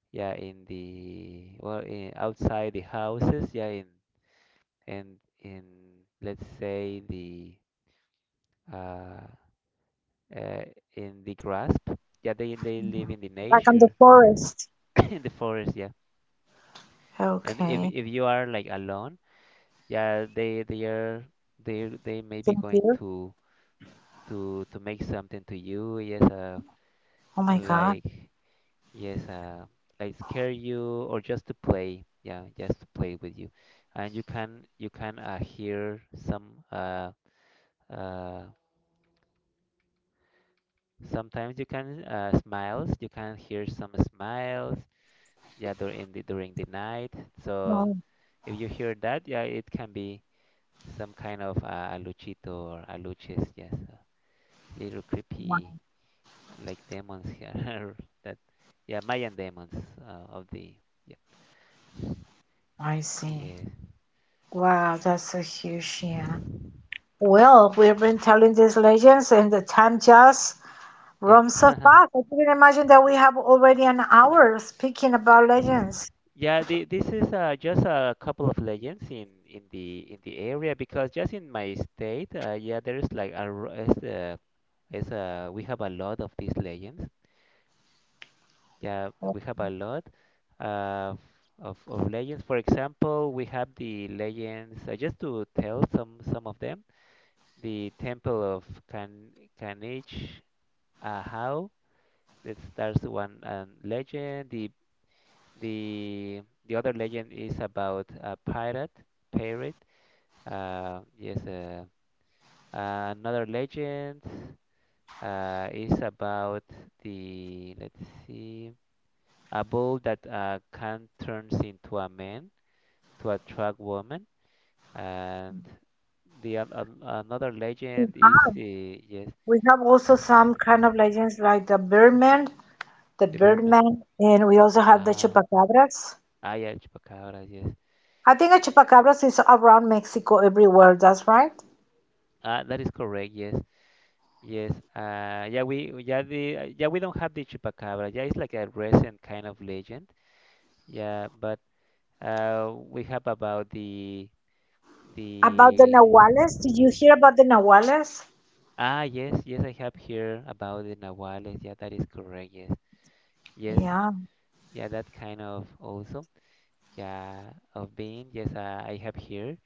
yeah in the well in, outside the houses, yeah, in and in, in let's say the uh, uh in the grasp, yeah, they live in the Back in the nature, forest. in the forest, yeah, and Okay. if you are like alone. Yeah, they are they may Can be you going hear? To make something to you. Yes, Oh my God. like yes, like scare you or just to play. Yeah, just to play with you, and you can hear some uh sometimes you can smiles. You can hear some smiles. Yeah, during the night. So Oh, if you hear that, yeah, it can be some kind of aluchito or aluches. Yes. Little wow. creepy like demons here that yeah Mayan demons of the yeah, I see. yes, Wow, that's so huge. Yeah. Well, we've been telling these legends, and the time just yeah. runs so fast. I could not imagine that we have already an hour speaking about legends. yeah, this is just a couple of legends in the area because, just in my state yeah, there's like a is a, we have a lot of these legends, yeah, we have a lot of of legends. For example, we have the legends, just to tell some of them, the Temple of Kan Kanich Ahau. That's one legend. The other legend is about a pirate. Pirate. Yes. Another legend is about the let's see, a bull that can turns into a man to attract woman, and the oth- another We legend is have. Yes, We have also some kind of legends like the Birdman, the the Birdman. Birdman, and we also have the Ah, Chupacabras. ah, yeah, chupacabras, yes. I think the Chupacabras is around Mexico everywhere, that's right. Ah, that is correct, yes. Yes. Yeah, we yeah the yeah we don't have the chupacabra. Yeah, it's like a recent kind of legend. Yeah, but we have about About the the Nahuales, did you hear about the Nahuales? ah yes, yes, I have here about the nahuales. Yeah, that is correct. Yes, yes, Yeah. yeah, that kind of also yeah of being. Yes, I have here.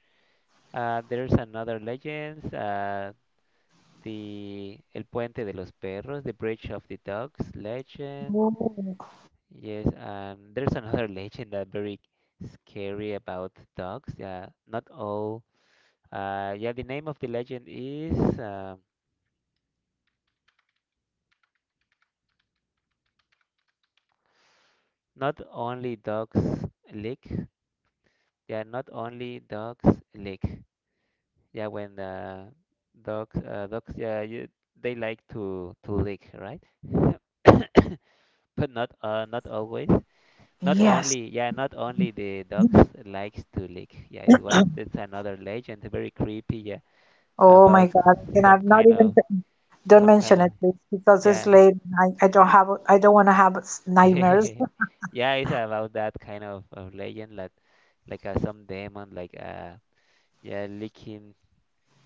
There's another legends. The El Puente de los Perros, The Bridge of the Dogs legend. Oh, Yes, and there's another legend that very scary about dogs. Yeah, not all. Yeah, the name of the legend is not only dogs lick. Yeah, not only dogs lick. Yeah, when the dogs, dogs, yeah, you, they like to lick, right? But not not always. Not yes. only, yeah, not only the dogs likes to lick. Yeah, is what that's another legend, very creepy. Yeah, Oh my about God. I some cannot, not kind even, of don't some kind mention of it, please, because it's yeah, late. I don't have, I don't want to have nightmares. yeah, it's about that kind of legend, like some demon, like yeah, licking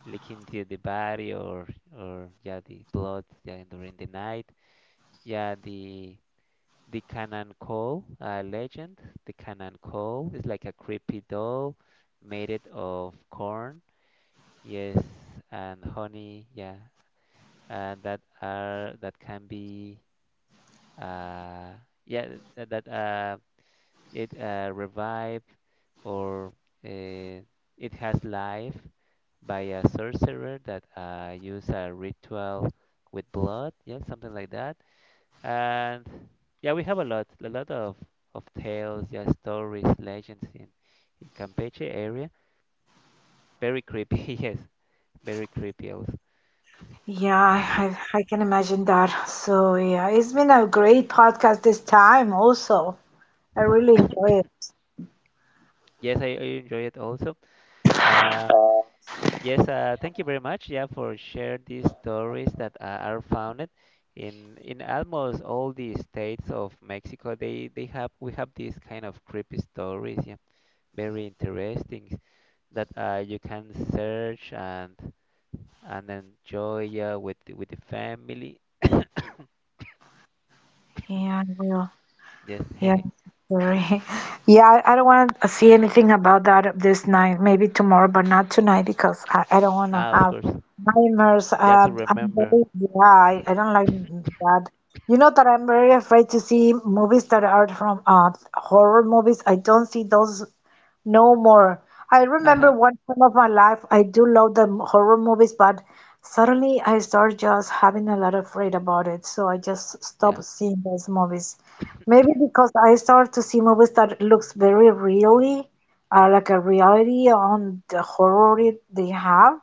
licking to the body or yeah, the blood yeah during the night. Yeah, the Canaan Coal legend. The Canaan Coal is like a creepy doll made it of corn, yes, and honey, yeah, and that are that can be uh yeah that it revive or, uh, it has life by a sorcerer that use a ritual with blood, yeah, something like that. And yeah, we have a lot of tales, yeah, stories, legends in Campeche area. Very creepy, yes, very creepy also. Yeah, I can imagine that. So yeah, it's been a great podcast this time also. I really enjoy it. Yes, I enjoy it also. Uh, yes, thank you very much, yeah, for share these stories that are founded in almost all the states of Mexico. They have we have these kind of creepy stories, yeah, very interesting that you can search and enjoy, yeah, with the family. Yeah, I will. Yes, Yeah, sorry. Yeah, I don't want to see anything about that this night. Maybe tomorrow, but not tonight because I don't want to ah, of have course. nightmares. Yeah, to I'm remember. very, yeah, I don't like that. You know that I'm very afraid to see movies that are from horror movies. I don't see those no more. I remember Haha, one time of my life, I do love the horror movies, but suddenly I start just having a lot of afraid about it. So I just yeah, stopped seeing those movies. Maybe because I start to see movies that looks very really, like a reality on the horror it they have.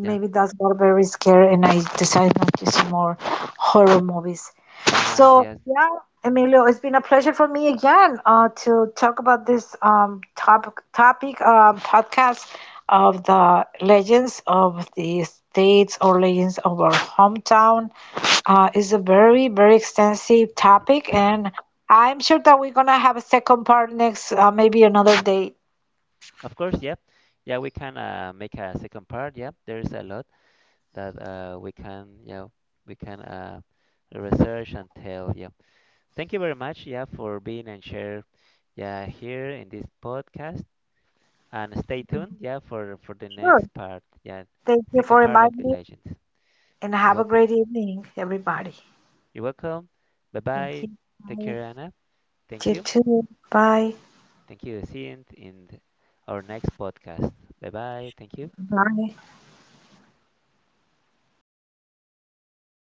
yeah. that's got very scary, and I decided not to see more horror movies. Ah, So, yes. yeah, Emilio, it's been a pleasure for me again to talk about this topic podcast of the legends of the states or legends of our hometown. It's a very, very extensive topic, and I'm sure that we're gonna have a second part next, maybe another day. Of course, yeah. Yeah, we can make a second part. Yeah, there is a lot that we can, yeah, we can research and tell. Yeah. Thank you very much, yeah, for being and share, yeah, here in this podcast. And stay tuned, yeah, for the next Sure. part. Yeah, Thank you second for part of inviting the me, legends. and You're have a welcome. great evening, everybody. You're welcome. Bye Thank bye. you. Take Bye. care, Anna. Thank You you. too. Bye. Thank you. See you in our next podcast. Bye bye. Thank you. Bye.